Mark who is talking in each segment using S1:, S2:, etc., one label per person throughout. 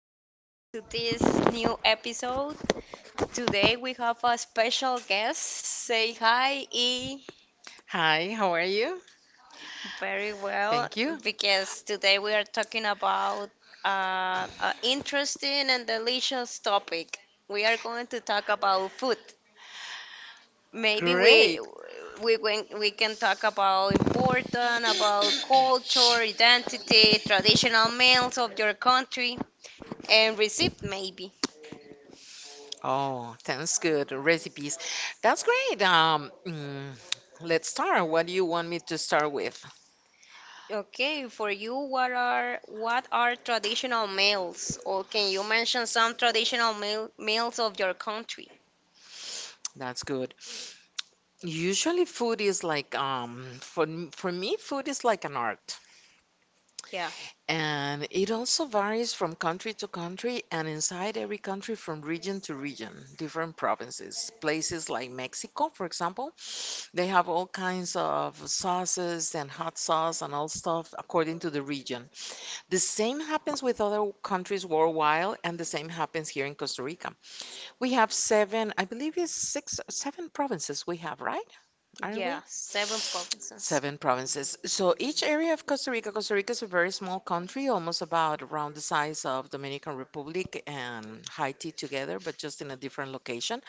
S1: Welcome to this new episode. Today we have a special guest. Say hi, E.
S2: Hi, how are you?
S1: Very well,
S2: Thank you.
S1: because today we are talking about an interesting and delicious topic. We are going to talk about food. Maybe we
S2: Great.
S1: we can, we can talk about important, about culture, identity, traditional meals of your country, and receipt maybe.
S2: Oh, sounds good. Recipes. That's great. Let's start. What do you want me to start with?
S1: Okay, for you, what are traditional meals? Or can you mention some traditional meals of your country?
S2: That's good. Usually food is like for me food is like an art.
S1: Yeah,
S2: And it also varies from country to country and inside every country from region to region, different provinces. Places like Mexico, for example, they have all kinds of sauces and hot sauce and all stuff according to the region. The same happens with other countries worldwide, and the same happens here in Costa Rica. We have seven, I believe it's six, seven provinces we have, right? Aren't
S1: yeah,
S2: we?
S1: seven provinces.
S2: Seven provinces. So each area of Costa Rica, Costa Rica is a very small country, almost about around the size of Dominican Republic and Haiti together, but just in a different location.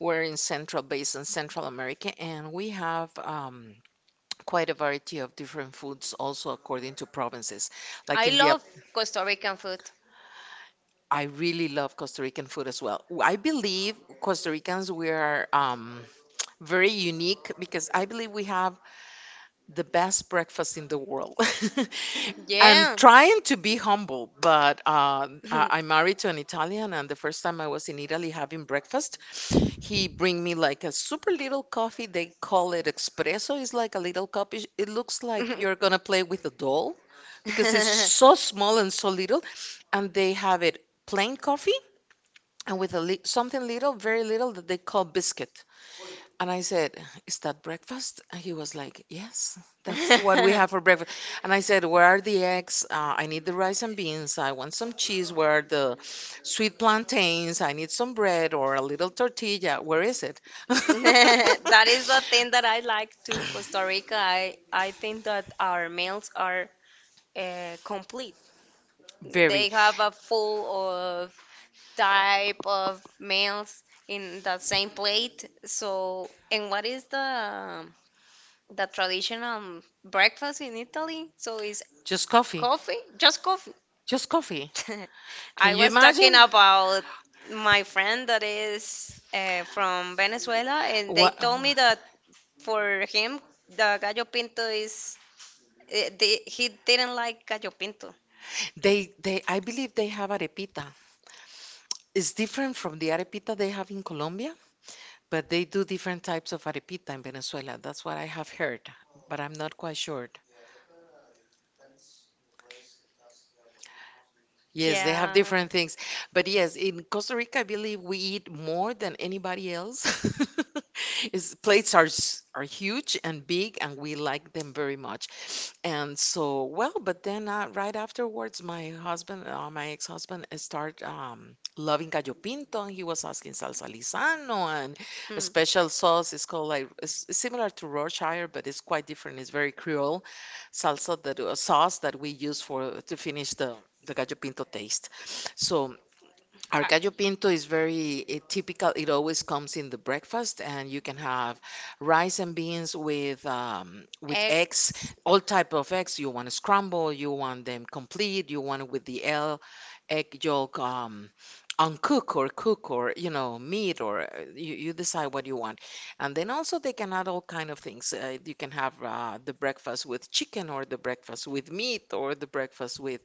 S2: We're in central basin, Central America, and we have quite a variety of different foods also according to provinces. Like
S1: I
S2: in the
S1: love Costa Rican food.
S2: I really love Costa Rican food as well. I believe Costa Ricans we are very unique because I believe we have the best breakfast in the world. And
S1: Yeah.
S2: trying to be humble, but I'm married to an Italian, and the first time I was in Italy having breakfast, he bring me like a super little coffee. They call it espresso. It's like a little cup. It looks like you're gonna play with a doll because it's so small and so little. And they have it plain coffee and with a something little, very little that they call biscuit. And I said, "Is that breakfast?" And he was like, "Yes, that's what we have for breakfast." And I said, "Where are the eggs? I need the rice and beans. I want some cheese. Where are the sweet plantains? I need some bread or a little tortilla. Where is it?"
S1: That is the thing that I like to Costa Rica. I think that our meals are complete.
S2: Very.
S1: They have a full of type of meals in the same plate. So, and what is the traditional breakfast in Italy? So is
S2: Just coffee.
S1: coffee, just coffee.
S2: Just coffee. Can
S1: I
S2: you
S1: was talking
S2: imagine?
S1: about my friend that is from Venezuela, and they
S2: What
S1: told me that for him the gallo pinto is he didn't like gallo pinto.
S2: they I believe they have arepita. It's different from the arepita they have in Colombia. But they do different types of arepita in Venezuela. That's what I have heard, but I'm not quite sure. Yes, they have
S1: Yeah.
S2: different things. But yes, in Costa Rica, I believe we eat more than anybody else. Is plates are are huge and big, and we like them very much. And so, well, but then right afterwards, my husband, my ex-husband, started loving gallo pinto, and he was asking salsa lisano and a
S1: Hmm.
S2: special sauce. It's called like it's similar to Yorkshire, but it's quite different. It's very Creole salsa that a sauce that we use for to finish the gallo pinto taste. So our
S1: Uh,
S2: gallo pinto is very typical. It always comes in the breakfast, and you can have rice and beans with eggs,
S1: Eggs.
S2: all type of eggs. You want to scramble, you want them complete, you want it with the L egg yolk uncook or cook or you know meat or you decide what you want. And then also they can add all kind of things. You can have the breakfast with chicken or the breakfast with meat or the breakfast with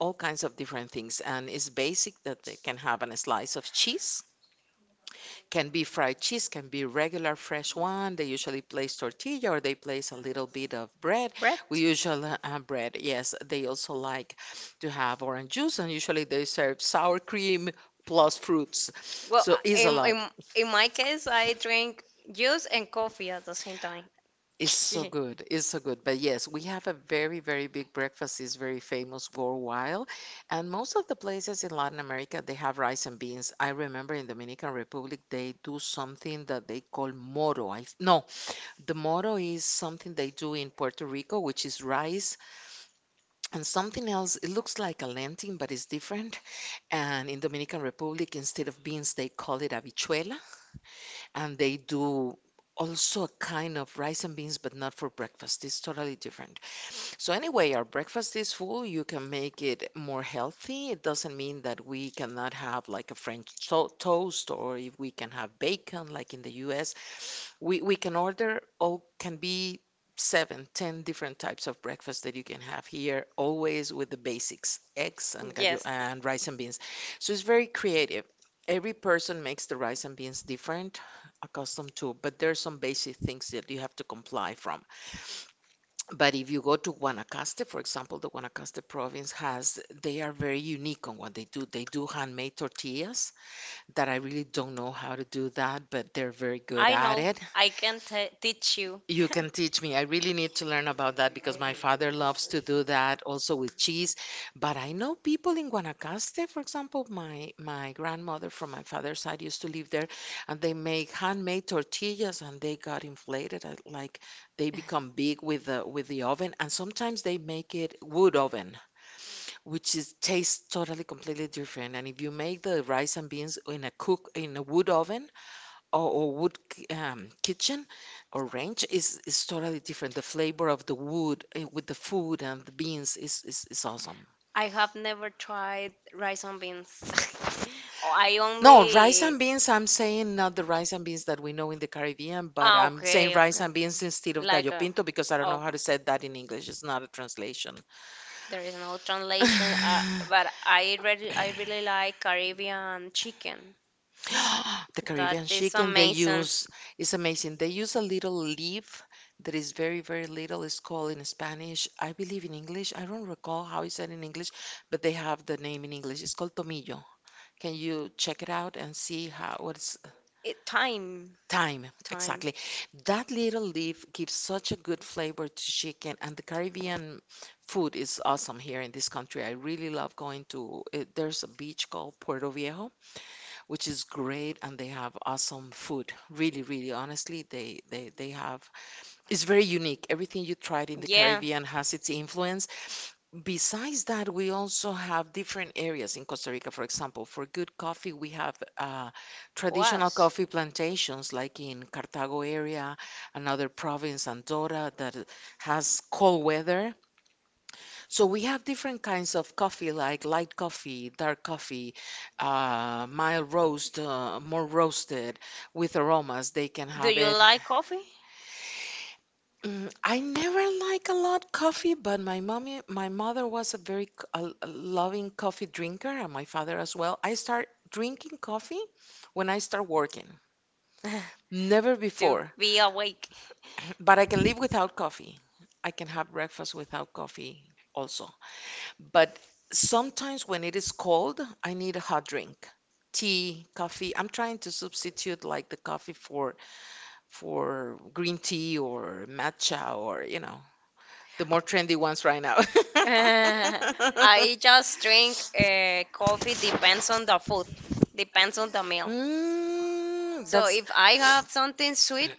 S2: all kinds of different things. And it's basic that they can have a slice of cheese, can be fried cheese, can be regular fresh one. They usually place tortilla or they place a little bit of bread. We
S1: Bread?
S2: usually bread, yes. They also like to have orange juice, and usually they serve sour cream plus fruits.
S1: Well,
S2: So
S1: I-
S2: it's a
S1: in,
S2: lot.
S1: in, in my case, I drink juice and coffee at the same time.
S2: It's so good. It's so good. But yes, we have a very, very big breakfast. It's very famous worldwide. And most of the places in Latin America, they have rice and beans. I remember in Dominican Republic, they do something that they call moro. I, no, the moro is something they do in Puerto Rico, which is rice and something else. It looks like a lentil, but it's different. And in Dominican Republic, instead of beans, they call it habichuela. And they do also a kind of rice and beans, but not for breakfast. It's totally different. So anyway, our breakfast is full. You can make it more healthy. It doesn't mean that we cannot have like a French to toast or if we can have bacon like in the US. We can order all can be seven, ten different types of breakfast that you can have here, always with the basics, eggs and gallo. Yes.
S1: Yes,
S2: And rice and beans. So it's very creative. Every person makes the rice and beans different, accustomed to, but there are some basic things that you have to comply from. But if you go to Guanacaste, for example, the Guanacaste province has, they are very unique on what they do. They do handmade tortillas that I really don't know how to do that, but they're very good
S1: I
S2: at
S1: know.
S2: it.
S1: I can t teach you.
S2: You can teach me. I really need to learn about that because my father loves to do that also with cheese. But I know people in Guanacaste, for example, my grandmother from my father's side used to live there, and they make handmade tortillas and they got inflated, like they become big with the oven, and sometimes they make it wood oven, which is tastes totally completely different. And if you make the rice and beans in a cook in a wood oven, or wood kitchen or ranch is totally different. The flavor of the wood with the food and the beans is awesome.
S1: I have never tried rice and beans. Oh, I
S2: No, rice
S1: only.
S2: and beans, I'm saying not the rice and beans that we know in the Caribbean, but
S1: Ah,
S2: I'm saying
S1: okay,
S2: rice
S1: okay.
S2: and beans instead of
S1: Like
S2: gallo
S1: a.
S2: pinto because I don't know how
S1: Okay.
S2: to say that in English. It's not a translation.
S1: There is no translation, but I really like Caribbean chicken.
S2: The
S1: That
S2: Caribbean
S1: is
S2: chicken they
S1: amazing.
S2: use is amazing. They use a little leaf that is very, very little. It's called in Spanish, I believe in English. I don't recall how it's said in English, but they have the name in English. It's called tomillo. Can you check it out and see how what's
S1: It, time,
S2: time
S1: time.
S2: exactly? That little leaf gives such a good flavor to chicken, and the Caribbean food is awesome here in this country. I really love going to. There's a beach called Puerto Viejo, which is great, and they have awesome food, really, really, honestly, they have it's very unique. Everything you tried in the
S1: Yeah,
S2: Caribbean has its influence. Besides that, we also have different areas in Costa Rica. For example, for good coffee, we have traditional
S1: was.
S2: coffee plantations like in Cartago area, another province, Andorra, that has cold weather. So we have different kinds of coffee, like light coffee, dark coffee, mild roast, more roasted with aromas. They can
S1: Do
S2: have
S1: you
S2: it.
S1: like coffee?
S2: I never like a lot coffee, but my mommy, my mother was a very a loving coffee drinker, and my father as well. I start drinking coffee when I start working, never
S1: To
S2: before.
S1: be awake.
S2: But I can live without coffee. I can have breakfast without coffee also. But sometimes when it is cold, I need a hot drink. Tea, coffee. I'm trying to substitute like the coffee for green tea or matcha or, you know, the more trendy ones right now.
S1: I just drink coffee depends on the food, depends on the meal.
S2: Mm,
S1: So
S2: that's
S1: if I have something sweet,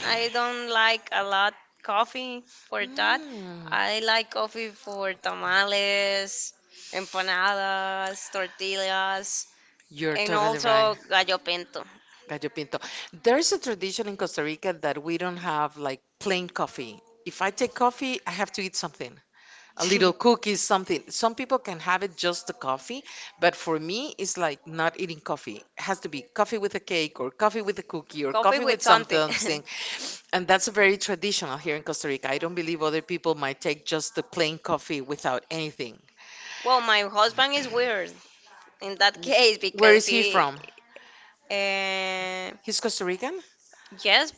S1: I don't like a lot coffee for that.
S2: mm,
S1: I like coffee for tamales, empanadas, tortillas,
S2: you're
S1: and
S2: totally right.
S1: also gallo pinto.
S2: Gallo Pinto. There's a tradition in Costa Rica that we don't have like plain coffee. If I take coffee, I have to eat something. A little cookies, something. Some people can have it just the coffee, but for me, it's like not eating coffee. It has to be coffee with a cake or coffee with a cookie or
S1: Coffee
S2: coffee with
S1: with something.
S2: something. And that's very traditional here in Costa Rica. I don't believe other people might take just the plain coffee without anything.
S1: Well, my husband is weird in that case
S2: Where
S1: because
S2: is he from?
S1: uh,
S2: He's Costa Rican?
S1: yes,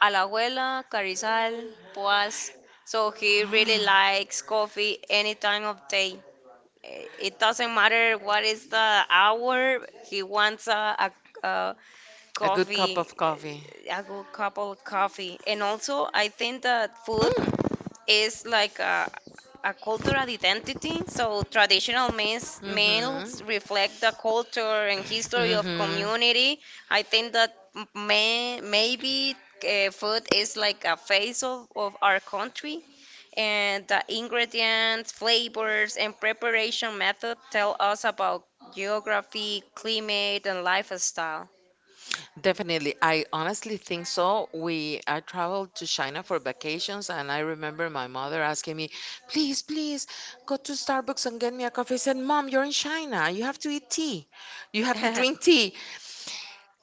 S1: a la abuela, Carizal, Poas. So he really likes coffee any time of day. It doesn't matter what is the hour, he wants a, a
S2: A good cup of coffee.
S1: a good cup of coffee. And also, I think that food
S2: Mm.
S1: is like a cultural identity. So traditional means,
S2: Hmm.
S1: meals reflect the culture and history of
S2: Hmm.
S1: community. I think that maybe food is like a face of our country. And the ingredients, flavors, and preparation method tell us about geography, climate, and lifestyle.
S2: Definitely. I honestly think so. We I traveled to China for vacations and I remember my mother asking me, "Please, please, go to Starbucks and get me a coffee." I said, "Mom, you're in China. You have to eat tea. You have to drink tea."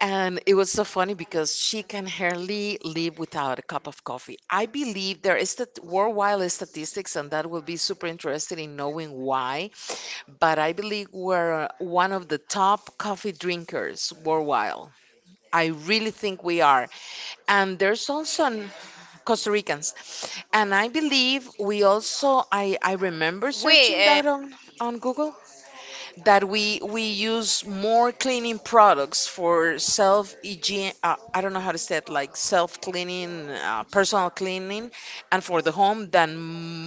S2: And it was so funny because she can hardly live without a cup of coffee. I believe there is the worldwide statistics and that will be super interested in knowing why, but I believe we're one of the top coffee drinkers worldwide. I really think we are. And there's also
S1: We,
S2: Costa Ricans. And I believe we also, I remember searching that on Google, that we use more cleaning products for self hygiene. I don't know how to say it, like self cleaning, personal cleaning, and for the home than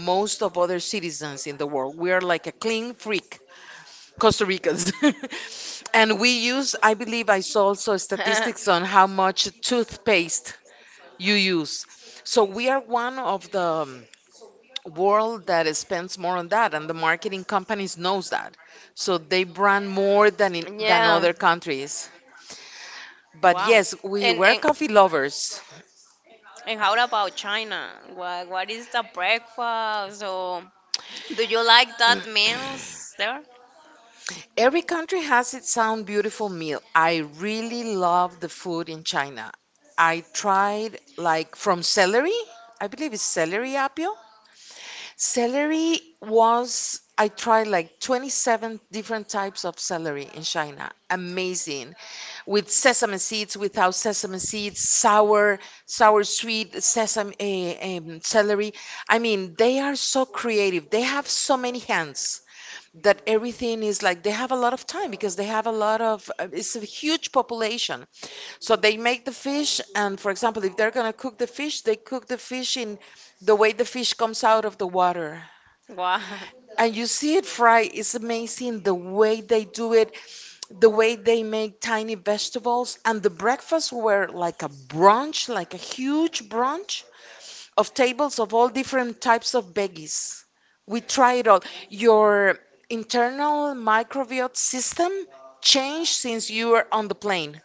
S2: most of other citizens in the world. We are like a clean freak Costa Ricans.
S1: uh,
S2: And we use, I believe I saw also statistics on how much toothpaste you use. So we are one of the world that spends more on that, and the marketing companies knows that. So they brand more
S1: yeah,
S2: than than other countries.
S1: wow.
S2: But
S1: And
S2: yes,
S1: and
S2: we were coffee lovers.
S1: And how about China? What is the breakfast? Or do you like that meals there?
S2: Every country has its own beautiful meal. I really love the food in China. I tried like from celery, I believe it's celery apio. Celery was, I tried like 27 different types of celery in China. Amazing. With sesame seeds, without sesame seeds, sour, sour, sweet sesame celery. I mean, they are so creative. They have so many hands that everything is like they have a lot of time because they have a lot of it's a huge population, so they make the fish, and for example if they're going to cook the fish, they cook the fish in the way the fish comes out of the water,
S1: Wow.
S2: and you see it fried. It's amazing the way they do it, the way they make tiny vegetables. And the breakfasts were like a brunch, like a huge brunch of tables of all different types of veggies. We try it all. Your internal microbiota system changed since you were on the plane.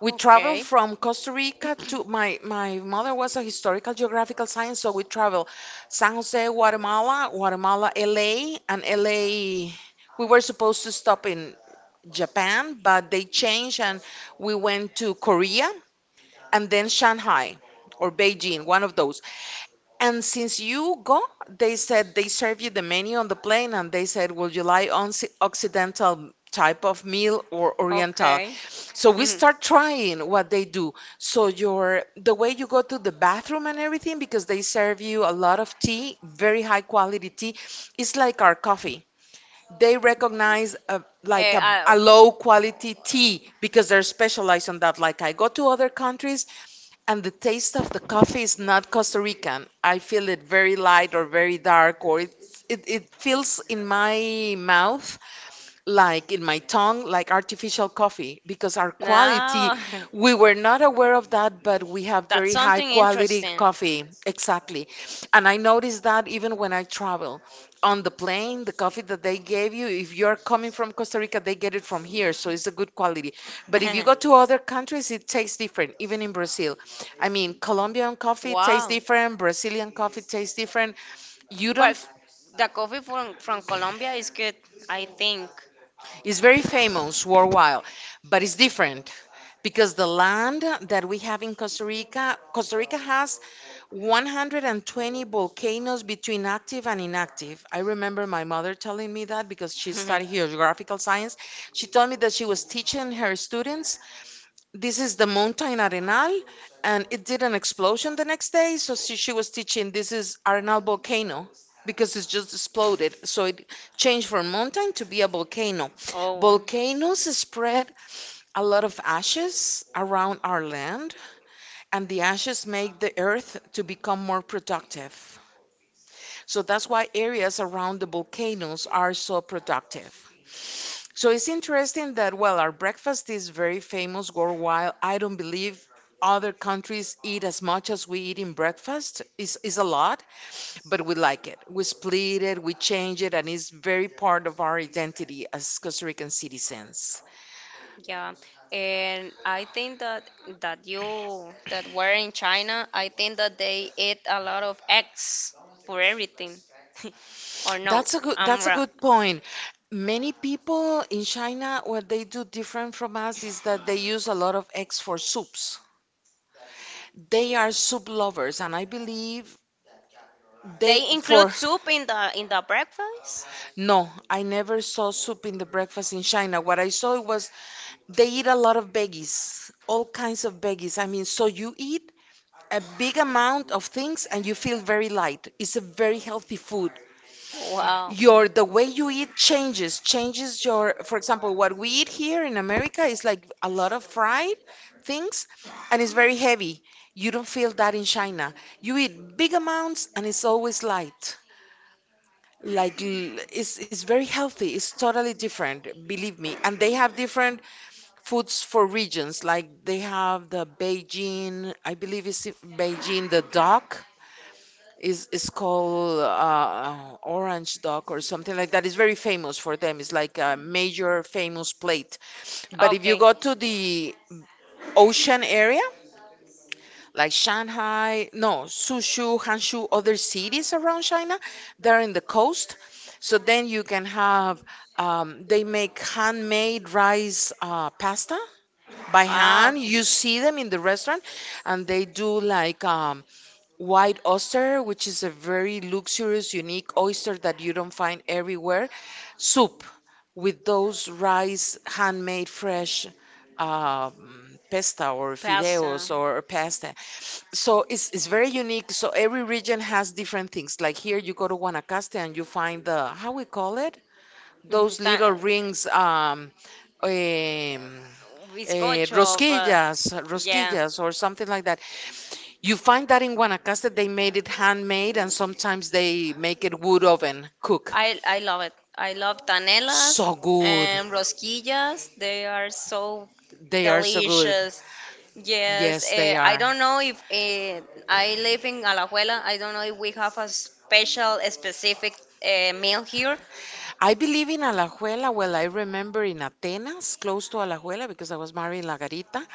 S2: We traveled
S1: Okay.
S2: from Costa Rica to my mother was a historical geographical science, so we traveled San Jose, Guatemala, Guatemala, LA, and LA. We were supposed to stop in Japan, but they changed, and we went to Korea and then Shanghai or Beijing, one of those. And since you go, they said they serve you the menu on the plane, and they said, "Would you like on Occidental type of meal or Oriental?"
S1: Okay.
S2: So we
S1: Mhm.
S2: start trying what they do. So your the way you go to the bathroom and everything, because they serve you a lot of tea, very high quality tea. It's like our coffee. They recognize
S1: Eh, I-
S2: a low quality tea because they're specialized on that. Like I go to other countries and the taste of the coffee is not Costa Rican. I feel it very light or very dark, or it feels in my mouth, like in my tongue, like artificial coffee, because our quality,
S1: Now.
S2: we were not aware of that, but we have
S1: That's
S2: very high
S1: something
S2: quality
S1: interesting.
S2: coffee. Exactly. And I noticed that even when I travel on the plane, the coffee that they gave you, if you're coming from Costa Rica, they get it from here. So it's a good quality. But if you go to other countries, it tastes different, even in Brazil. I mean, Colombian coffee tastes
S1: Wow.
S2: different, Brazilian coffee tastes different. You don't,
S1: But the coffee from Colombia is good, I think.
S2: it's very famous worldwide, but it's different because the land that we have in Costa Rica, Costa Rica has 120 volcanoes between active and inactive. I remember my mother telling me that because she studied geographical science. She told me that she was teaching her students, this is the mountain Arenal, and it did an explosion the next day. So she was teaching, this is Arenal volcano. Because it's just exploded, so it changed from mountain to be a volcano.
S1: Oh,
S2: Volcanoes spread a lot of ashes around our land, and the ashes make the earth to become more productive. So that's why areas around the volcanoes are so productive. So it's interesting that, well, our breakfast is very famous worldwide. I don't believe other countries eat as much as we eat in breakfast. It's a lot, but we like it. We split it, we change it, and it's very part of our identity as Costa Rican citizens.
S1: yeah, and I think that that you that were in China. I think that they eat a lot of eggs for everything. Or no,
S2: That's a good
S1: I'm
S2: that's a
S1: wrong.
S2: good point. Many people in China, what they do different from us is that they use a lot of eggs for soups. They are soup lovers, and I believe they
S1: They include
S2: for
S1: soup in the breakfast?
S2: no, I never saw soup in the breakfast in China. What I saw was they eat a lot of veggies, all kinds of veggies. I mean, so you eat a big amount of things and you feel very light. It's a very healthy food.
S1: Wow.
S2: Your the way you eat changes your, for example, what we eat here in America is like a lot of fried things, and it's very heavy. You don't feel that in China. You eat big amounts and it's always light, like it's very healthy, it's totally different, believe me. And they have different foods for regions, like they have the Beijing, I believe it's Beijing, the duck is called Orange Dog or something like that. It's very famous for them. It's like a major famous plate. But if you
S1: Okay.
S2: go to the ocean area, like Shanghai, no, Suzhou, Hangzhou, other cities around China, they're in the coast. So then you can have, they make handmade rice pasta by
S1: Wow.
S2: hand. You see them in the restaurant, and they do like white oyster, which is a very luxurious, unique oyster that you don't find everywhere. Soup with those rice, handmade fresh um, pesta or
S1: Pasta.
S2: fideos or pasta. So it's very unique. So every region has different things. Like here, you go to Guanacaste and you find the, how we call it?
S1: Mhm.
S2: Those little rings,
S1: Bizcocho, but
S2: rosquillas,
S1: yeah.
S2: rosquillas, or something like that. You find that in Guanacaste they made it handmade and sometimes they make it wood oven cook.
S1: I love it. I love tanelas
S2: So good.
S1: and rosquillas. They are so
S2: They are so good.
S1: delicious. Yes,
S2: Yes, they
S1: I
S2: are.
S1: don't know if I live in Alajuela. I don't know if we have a special, a specific meal here.
S2: I believe in Alajuela. Well, I remember in Atenas, close to Alajuela, because I was married in La Garita.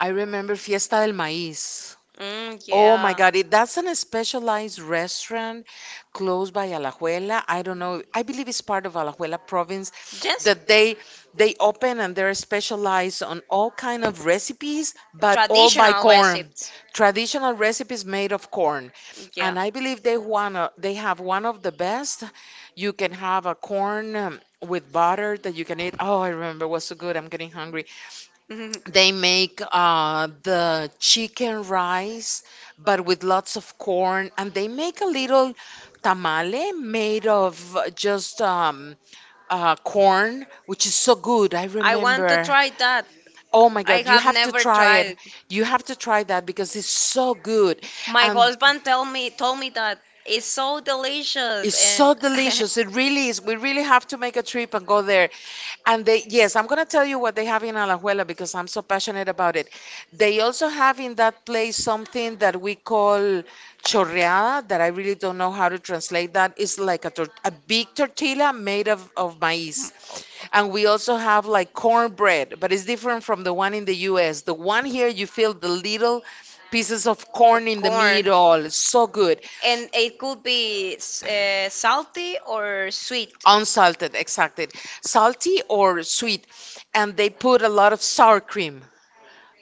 S2: I remember Fiesta del Maíz.
S1: Mm,
S2: Oh my
S1: yeah.
S2: God, it, that's an specialized restaurant close by Alajuela. I don't know. I believe it's part of Alajuela province
S1: Yes,
S2: that they open and they're specialized on all kind of recipes, but all by
S1: traditional
S2: corn.
S1: recipes.
S2: Traditional recipes made of corn.
S1: Yeah.
S2: And I believe they have one of the best. You can have a corn with butter that you can eat. Oh, I remember it was so good. I'm getting hungry. They make the chicken rice, but with lots of corn, and they make a little tamale made of just corn, which is so good. I
S1: I want to
S2: remember.
S1: try that.
S2: Oh my
S1: I
S2: God, you
S1: have
S2: have to
S1: never
S2: try it.
S1: tried.
S2: You have to try that because it's so good.
S1: My
S2: And
S1: husband tell me told me that it's so delicious
S2: it's
S1: and
S2: so delicious. It really is. We really have to make a trip and go there. And they, yes, I'm going to tell you what they have in Alajuela because I'm so passionate about it. They also have in that place something that we call chorreada, that I really don't know how to translate that. It's like a, a big tortilla made of maize. And we also have like cornbread, but it's different from the one in the US. The one here, you feel the little pieces of
S1: of
S2: corn in the
S1: corn,
S2: middle. So good.
S1: and it could be salty or sweet.
S2: Unsalted, exactly. Salty or sweet. And they put a lot of sour cream,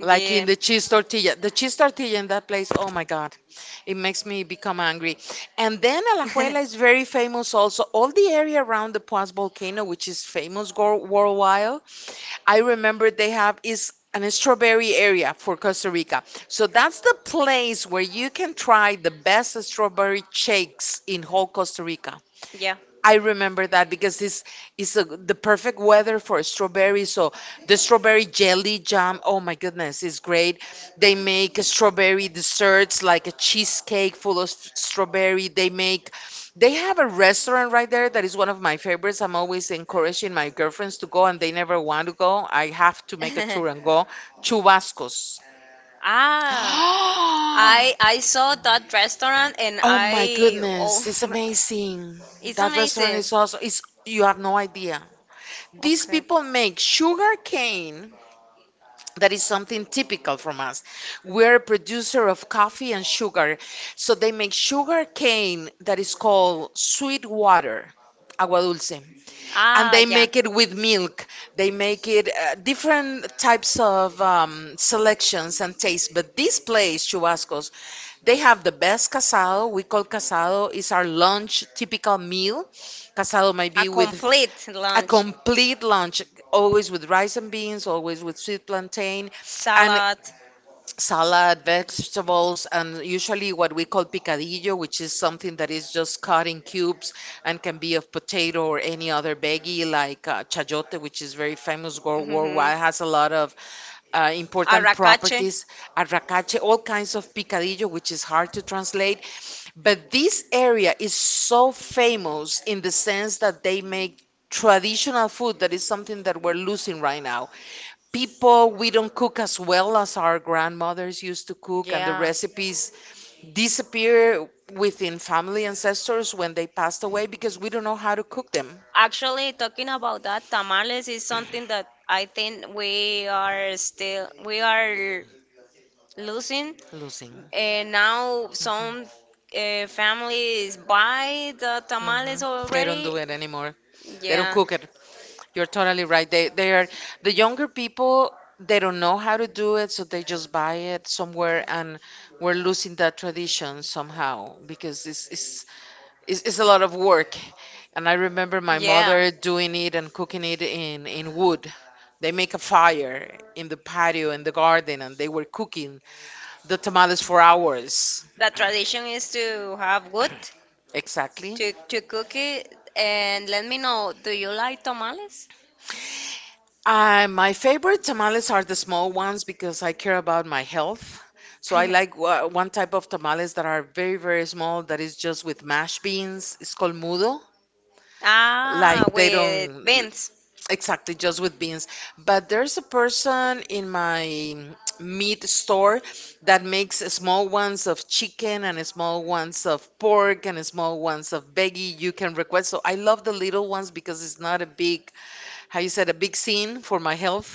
S2: like in the cheese tortilla. The cheese tortilla in that place, oh my God, it makes me become angry. And then Alajuela is very famous also. All the area around the Paz volcano, which is famous worldwide, I remember they have is an strawberry area for Costa Rica. So that's the place where you can try the best strawberry shakes in whole Costa Rica.
S1: yeah.
S2: I remember that because this is a, the perfect weather for strawberries. So the strawberry jelly jam, oh my goodness, is great. They make strawberry desserts like a cheesecake full of strawberry. They make, they have a restaurant right there that is one of my favorites. I'm always encouraging my girlfriends to go and they never want to go. I have to make a tour and go. Chubascos.
S1: ah, I I saw that restaurant and
S2: Oh my
S1: I, oh,
S2: goodness, it's amazing.
S1: it's
S2: That restaurant
S1: amazing.
S2: is also, it's, you have no idea. These
S1: Okay.
S2: people make sugar cane. That is something typical from us. We're a producer of coffee and sugar. So they make sugar cane that is called sweet water, agua dulce. And
S1: Ah,
S2: they
S1: yeah.
S2: make it with milk. They make it different types of selections and tastes. But this place, Chubascos, they have the best casado. We call casado is our lunch typical meal. Casado might
S1: A
S2: be with
S1: complete
S2: a
S1: lunch.
S2: complete lunch, always with rice and beans, always with sweet plantain, and
S1: Salad.
S2: salad, vegetables, and usually what we call picadillo, which is something that is just cut in cubes and can be of potato or any other veggie, like chayote, which is very famous
S1: Mm-hmm.
S2: worldwide, has a lot of important
S1: Arracache.
S2: properties, arracache, all kinds of picadillo, which is hard to translate. But this area is so famous in the sense that they make traditional food that is something that we're losing right now. People, we don't cook as well as our grandmothers used to cook, and the
S1: Yeah.
S2: recipes disappear within family ancestors when they passed away because we don't know how to cook them.
S1: Actually, talking about that, tamales is something that I think we are losing.
S2: Losing.
S1: And now some families buy the
S2: Hmm.
S1: tamales
S2: They don't
S1: already.
S2: do it anymore. They don't
S1: Yeah,
S2: cook it. You're totally right. They are the younger people. They don't know how to do it, so they just buy it somewhere, and we're losing that tradition somehow because it's a lot of work. And I remember my
S1: yeah.
S2: mother doing it and cooking it in wood. They make a fire in the patio in the garden, and they were cooking the tamales for hours.
S1: The tradition is to have wood
S2: Exactly.
S1: to cook it. And let me know, do you like tamales?
S2: My favorite tamales are the small ones because I care about my health. So I like one type of tamales that are very, very small, that is just with mashed beans. It's called mudo. Like
S1: Ah,
S2: they
S1: with
S2: don't,
S1: beans.
S2: exactly, just with beans. But there's a person in my meat store that makes small ones of chicken and small ones of pork and small ones of veggie you can request. So I love the little ones because it's not a big, how you said, a big scene for my health.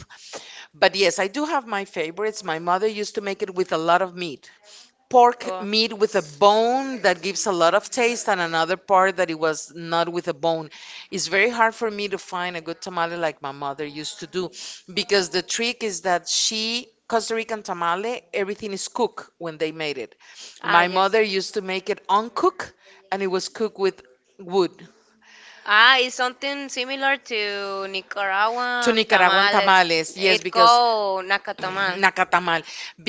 S2: But yes, I do have my favorites. My mother used to make it with a lot of meat. Pork
S1: Well,
S2: meat with a bone that gives a lot of taste, and another part that it was not with a bone. It's very hard for me to find a good tamale like my mother used to do because the trick is that she, Costa Rican tamale, everything is cooked when they made it. My
S1: yes.
S2: mother used to make it uncooked, and it was cooked with wood.
S1: Ah, it's something similar to
S2: To
S1: Nicaraguan
S2: Nicaraguan
S1: tamales.
S2: tamales. Yes,
S1: It
S2: because
S1: called nacatamal.
S2: Nacatamal,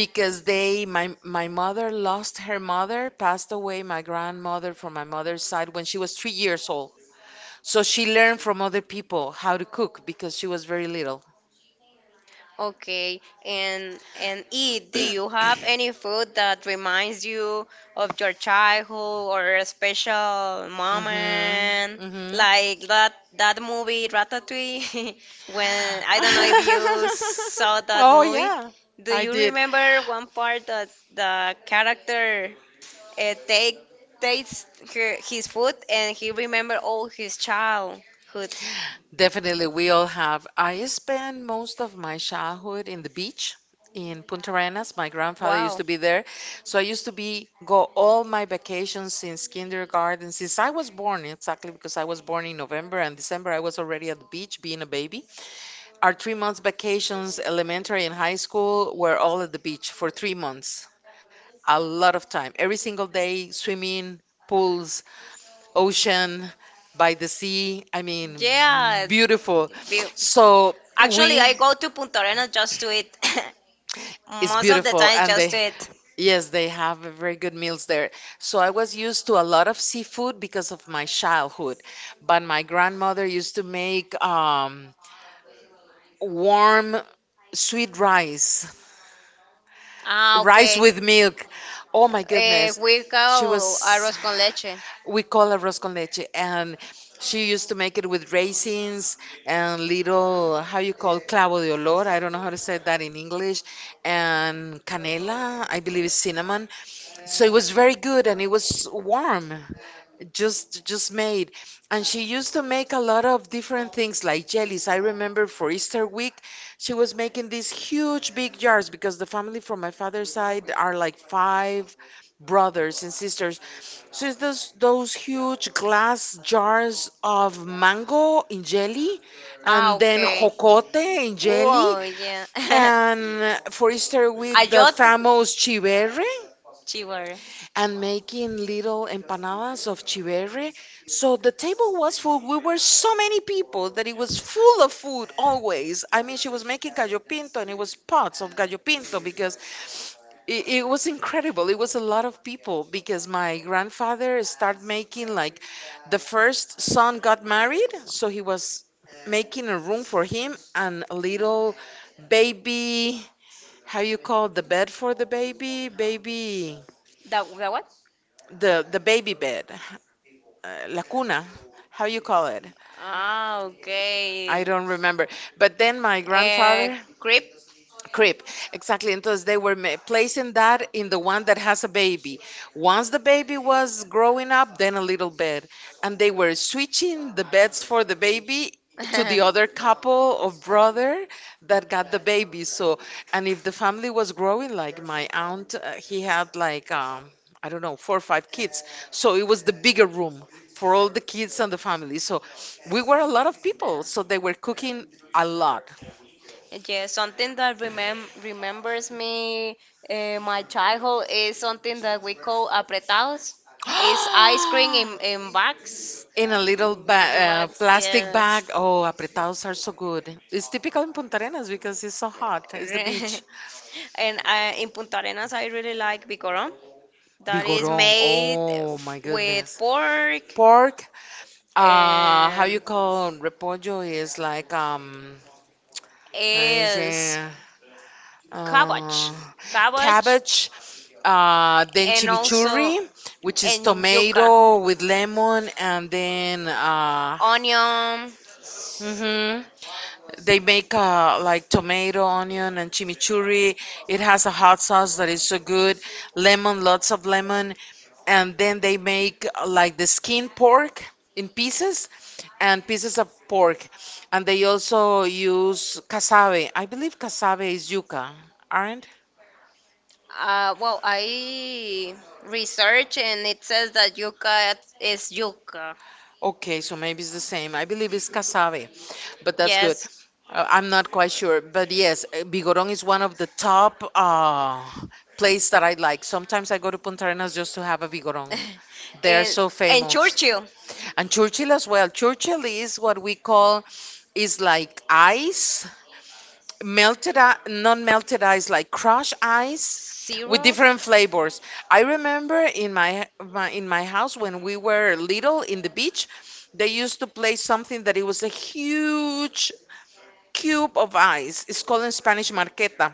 S2: because they my my mother lost her mother, passed away my grandmother from my mother's side when she was 3 years old. So she learned from other people how to cook because she was very little.
S1: Okay, and eat. Do you have any food that reminds you of your childhood or a special
S2: Mhm.
S1: moment,
S2: Mhm.
S1: like that movie Ratatouille? When I don't know if you saw that
S2: oh,
S1: movie.
S2: yeah,
S1: Do
S2: I
S1: you
S2: did.
S1: remember one part that the character? Take tastes his food and he remember all his childhood.
S2: Definitely, we all have. I spent most of my childhood in the beach in Punta Arenas. My grandfather used
S1: Wow.
S2: to be there, so I used to be go all my vacations since kindergarten, since I was born, exactly because I was born in November and December. I was already at the beach being a baby. Our 3 months vacations, elementary and high school, were all at the beach for 3 months. A lot of time, every single day, swimming, pools, ocean, by the sea. I mean,
S1: Yeah.
S2: beautiful.
S1: be-
S2: So
S1: Actually,
S2: we,
S1: I go to Punta Arenas just to eat.
S2: is
S1: Most of the
S2: beautiful,
S1: time,
S2: and
S1: just
S2: they,
S1: to eat.
S2: yes, they have very good meals there. So I was used to a lot of seafood because of my childhood, but my grandmother used to make warm sweet rice,
S1: Ah,
S2: rice
S1: okay.
S2: with milk. Oh my goodness,
S1: We
S2: she
S1: call
S2: was.
S1: arroz con leche.
S2: We call it arroz con leche, and she used to make it with raisins and little, how you call, clavo de olor. I don't know how to say that in English, and canela, I believe, is cinnamon. So it was very good, and it was warm, just made. And she used to make a lot of different things like jellies. I remember for Easter week, she was making these huge big jars because the family from my father's side are like five brothers and sisters. So it's those huge glass jars of mango in jelly,
S1: Ah,
S2: and then
S1: okay.
S2: jocote in jelly,
S1: Oh, yeah.
S2: and for Easter week the
S1: Ayot
S2: famous chiverre,
S1: chivar.
S2: and making little empanadas of chiverre. So the table was full. We were so many people that it was full of food always. I mean, she was making gallo pinto, and it was pots of gallo pinto because it was incredible. It was a lot of people because my grandfather started making like the first son got married, so he was making a room for him and a little baby. How you call the bed for the baby? Baby
S1: The what?
S2: the the baby bed, la cuna, how you call it?
S1: Ah, okay.
S2: I don't remember. But then my
S1: Eh,
S2: grandfather,
S1: Crepe.
S2: crib, exactly. Entonces they were placing that in the one that has a baby. Once the baby was growing up, then a little bed. And they were switching the beds for the baby to the other couple of brother that got the baby. So, and if the family was growing, like my aunt, he had like, I don't know, four or five kids. So it was the bigger room for all the kids and the family. So we were a lot of people. So they were cooking a lot.
S1: Yeah, something that remembers me my childhood is something that we call apretados. It's ice cream in, in bags.
S2: In a little
S1: The bags,
S2: plastic
S1: yes.
S2: bag. Oh, apretados are so good. It's typical in Punta Arenas because it's so hot. It's the beach.
S1: And in Punta Arenas, I really like bicoron. That is
S2: Bigorón.
S1: made
S2: Oh my
S1: with
S2: goodness.
S1: pork.
S2: Pork. How you
S1: Um,
S2: call repollo is like, I
S1: is
S2: say,
S1: cabbage,
S2: uh,
S1: cabbage,
S2: cabbage. Then
S1: and also
S2: chimichurri, which is
S1: and yuca,
S2: tomato with lemon, and then
S1: onion.
S2: hmm they make like tomato, onion, and chimichurri. It has a hot sauce that is so good. Lemon, lots of lemon. And then they make like the skin pork in pieces and pieces of pork. And they also use cassave. I believe cassave is yuca, aren't?
S1: Well, I research and it says that yucca is yucca.
S2: Okay, so maybe it's the same. I believe it's cassave, but that's good.
S1: Yes.
S2: I'm not quite sure, but yes, Vigorón is one of the top place that I like. Sometimes I go to Punta Arenas just to have a Vigorón. They're
S1: and,
S2: so
S1: and
S2: famous.
S1: Churchill.
S2: And Churchill as well. Churchill is what we call, is like ice, melted non-melted ice, like crushed ice with
S1: Zero?
S2: different flavors. I remember in my, my in my house when we were little in the beach, they used to play something that it was a huge cube of ice. It's called in Spanish marqueta,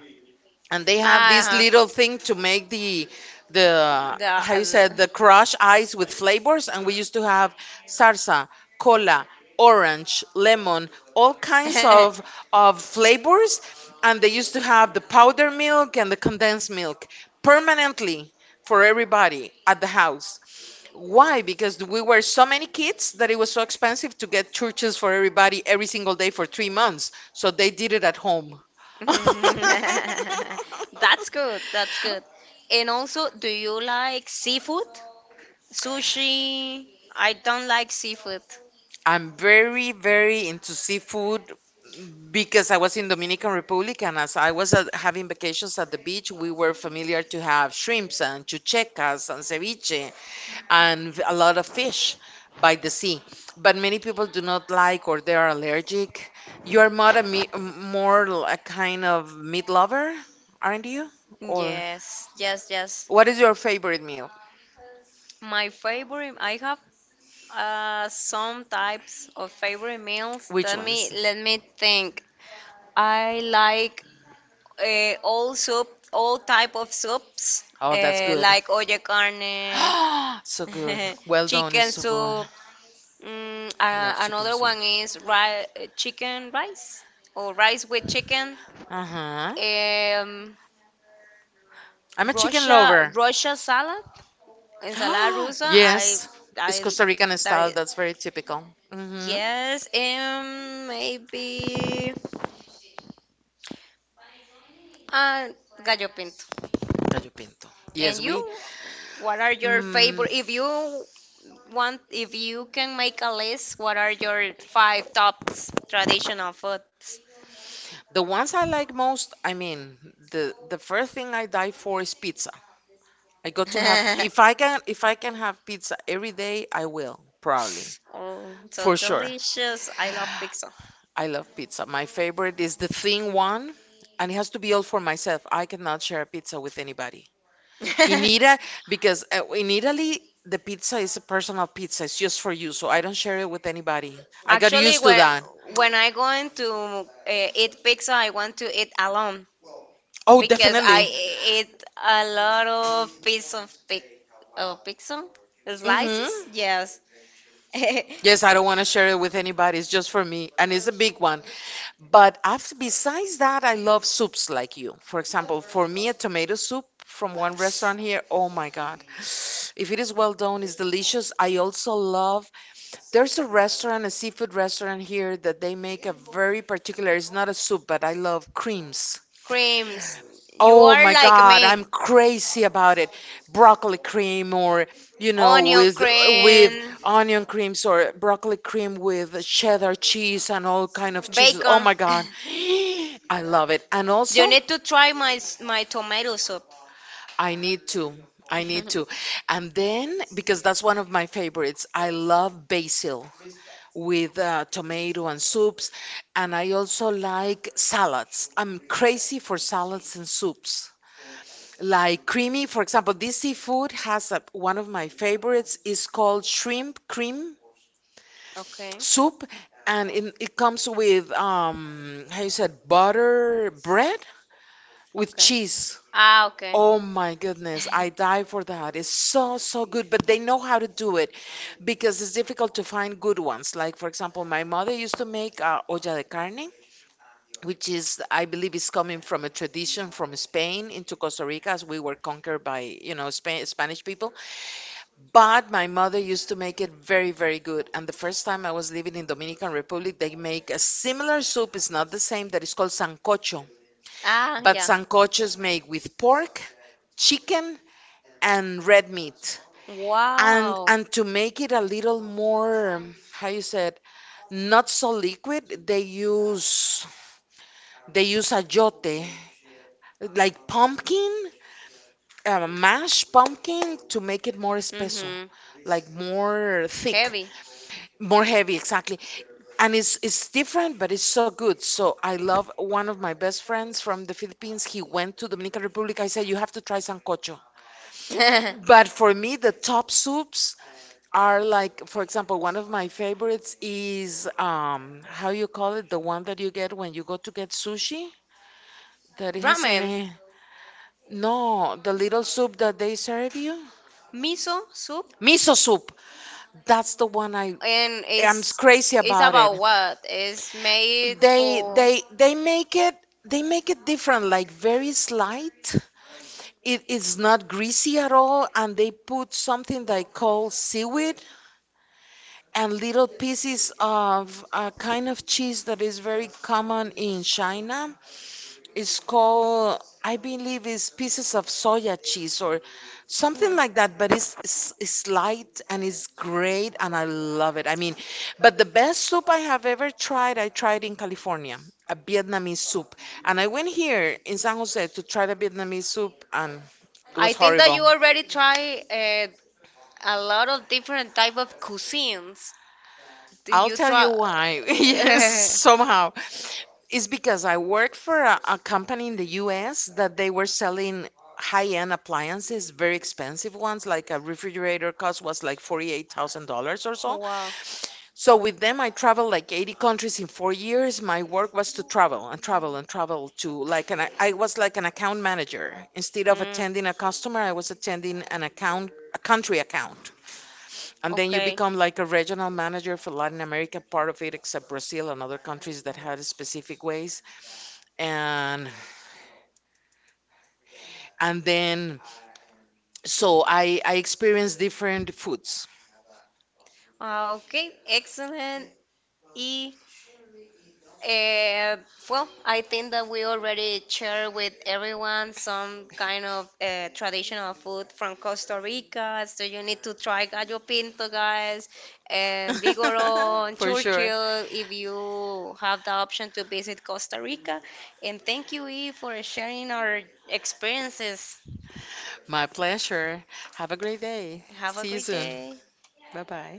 S2: and they have this
S1: Ah,
S2: little thing to
S1: uh-huh.
S2: make the
S1: The,
S2: how you said, the crushed ice with flavors. And we used to have salsa, cola, orange, lemon, all kinds of flavors. And they used to have the powder milk and the condensed milk permanently for everybody at the house. Why? Because we were so many kids that it was so expensive to get churches for everybody every single day for 3 months, so they did it at home.
S1: that's good. That's good. And also, do you like seafood? Sushi, I don't like seafood.
S2: I'm very, very into seafood because I was in Dominican Republic, and as I was having vacations at the beach, we were familiar to have shrimps and chuchecas and ceviche and a lot of fish by the sea. But many people do not like or they are allergic. You are more a me more l- a kind of meat lover, aren't you? Or
S1: Yes, yes, yes.
S2: what is your favorite meal?
S1: My favorite, I have some types of favorite meals.
S2: Which
S1: Let me
S2: ones?
S1: let me think. I like all soup, all type of soups,
S2: Oh, that's good.
S1: like olla carne.
S2: So good. Well done
S1: Chicken
S2: is so good.
S1: soup. Mm,
S2: I
S1: uh,
S2: love chicken
S1: another
S2: soup.
S1: one is chicken rice or rice with chicken.
S2: Uh-huh.
S1: Um,
S2: I'm a chicken
S1: Russia
S2: lover.
S1: Russia salad. In Sala Rusa,
S2: Yes, it's
S1: I,
S2: Costa Rican
S1: that
S2: style.
S1: is,
S2: That's very typical. Mm-hmm.
S1: yes, and maybe uh, Gallo Pinto.
S2: Gallo pinto.
S1: And
S2: Yes, we.
S1: you, what are your
S2: Mm,
S1: favorite? If you want, if you can make a list, what are your five tops traditional foods?
S2: the ones I like most. I mean, the first thing I die for is pizza. I got to have, if I can if I can have pizza every day, I will probably,
S1: Oh, so
S2: for sure.
S1: delicious! I love pizza.
S2: I love pizza. My favorite is the thin one, and it has to be all for myself. I cannot share a pizza with anybody. In Ita, because in Italy, the pizza is a personal pizza. It's just for you, so I don't share it with anybody. I got
S1: Actually,
S2: used to
S1: when
S2: that.
S1: when I going to eat pizza, I want to eat alone
S2: Oh,
S1: because I
S2: definitely.
S1: ate a lot of piece of pic, oh, pixel
S2: Mm-hmm.
S1: slices. Yes.
S2: Yes, I don't want to share it with anybody. It's just for me, and it's a big one. But after, besides that, I love soups like you. For example, for me, a tomato soup from one restaurant here, oh my God. If it is well done, it's delicious. I also love, there's a restaurant, a seafood restaurant here that they make a very particular, it's not a soup, but I love creams.
S1: Creams. You
S2: Oh
S1: are
S2: my
S1: like
S2: God,
S1: me.
S2: I'm crazy about it. Broccoli cream or,
S1: Onion
S2: with
S1: cream.
S2: onion creams or broccoli cream with cheddar cheese and all kind of cheeses. Oh
S1: Bacon.
S2: my God. I love it. And
S1: You
S2: also,
S1: need to try my tomato soup.
S2: I need to. I need to. And then, because that's one of my favorites, I love basil with tomato and soups. And I also like salads. I'm crazy for salads and soups. Like, creamy. For example, this seafood has one of my favorites is called shrimp cream
S1: Okay,
S2: soup, and it comes with, how you said, butter bread with
S1: okay.
S2: cheese.
S1: Okay.
S2: Oh my goodness, I die for that. It's so good, but they know how to do it because it's difficult to find good ones. Like, for example, my mother used to make olla de carne, which is, I believe, is coming from a tradition from Spain into Costa Rica, as we were conquered by, Spanish people. But my mother used to make it very, very good. And the first time I was living in Dominican Republic, they make a similar soup. It's not the same. That is called sancocho. But
S1: Yeah.
S2: sancocho is made with pork, chicken, and red meat. And
S1: Wow.
S2: and to make it a little more, how you said, not so liquid, they use, ayote, like pumpkin, mashed pumpkin, to make it more espeso,
S1: Mm-hmm.
S2: like more thick,
S1: Heavy.
S2: more heavy, exactly. And it's different, but it's so good. So I love, one of my best friends from the Philippines, he went to Dominican Republic. I said, you have to try sancocho. But for me, the top soups are, like, for example, one of my favorites is, how you call it, the one that you get when you go to get sushi, that it has a
S1: Ramen.
S2: name. No, the little soup that they serve you,
S1: Miso soup.
S2: miso soup. That's the one
S1: And
S2: I'm
S1: it's
S2: crazy
S1: it's
S2: about it.
S1: about what it's made
S2: They
S1: for.
S2: they they make it different, like very slight. It is not greasy at all, and they put something they call seaweed and little pieces of a kind of cheese that is very common in China. It's called, I believe, is pieces of soya cheese or something
S1: Mhm.
S2: like that. But it's light, and it's great, and I love it. I mean, but the best soup I have ever tried, I tried in California, a Vietnamese soup. And I went here in San Jose to try the Vietnamese soup, and it
S1: I
S2: was
S1: think that
S2: horrible.
S1: you already try a lot of different type of cuisines. Do
S2: I'll
S1: you
S2: tell you
S1: try?
S2: why. Yes, somehow. It's because I work for a company in the US that they were selling high-end appliances, very expensive ones, like a refrigerator cost was like $48,000 or so.
S1: Wow.
S2: So with them, I traveled like 80 countries in 4 years. My work was to travel and travel and travel to, like, I was like an account manager. Instead of
S1: Mm,
S2: attending a customer, I was attending an account, a country account. And then you
S1: okay.
S2: become like a regional manager for Latin America, part of it, except Brazil and other countries that had specific ways. And and then, so I experienced different foods.
S1: Ah, okay. Excellent. Uh, well, I think that we already share with everyone some kind of traditional food from Costa Rica. So you need to try gallo pinto, guys, and Vigoro and
S2: For sure.
S1: Churchill if you have the option to visit Costa Rica. And thank you, Eve, for sharing our experiences.
S2: My pleasure. Have a great day.
S1: Have a
S2: See you
S1: great
S2: soon.
S1: day.
S2: Bye bye.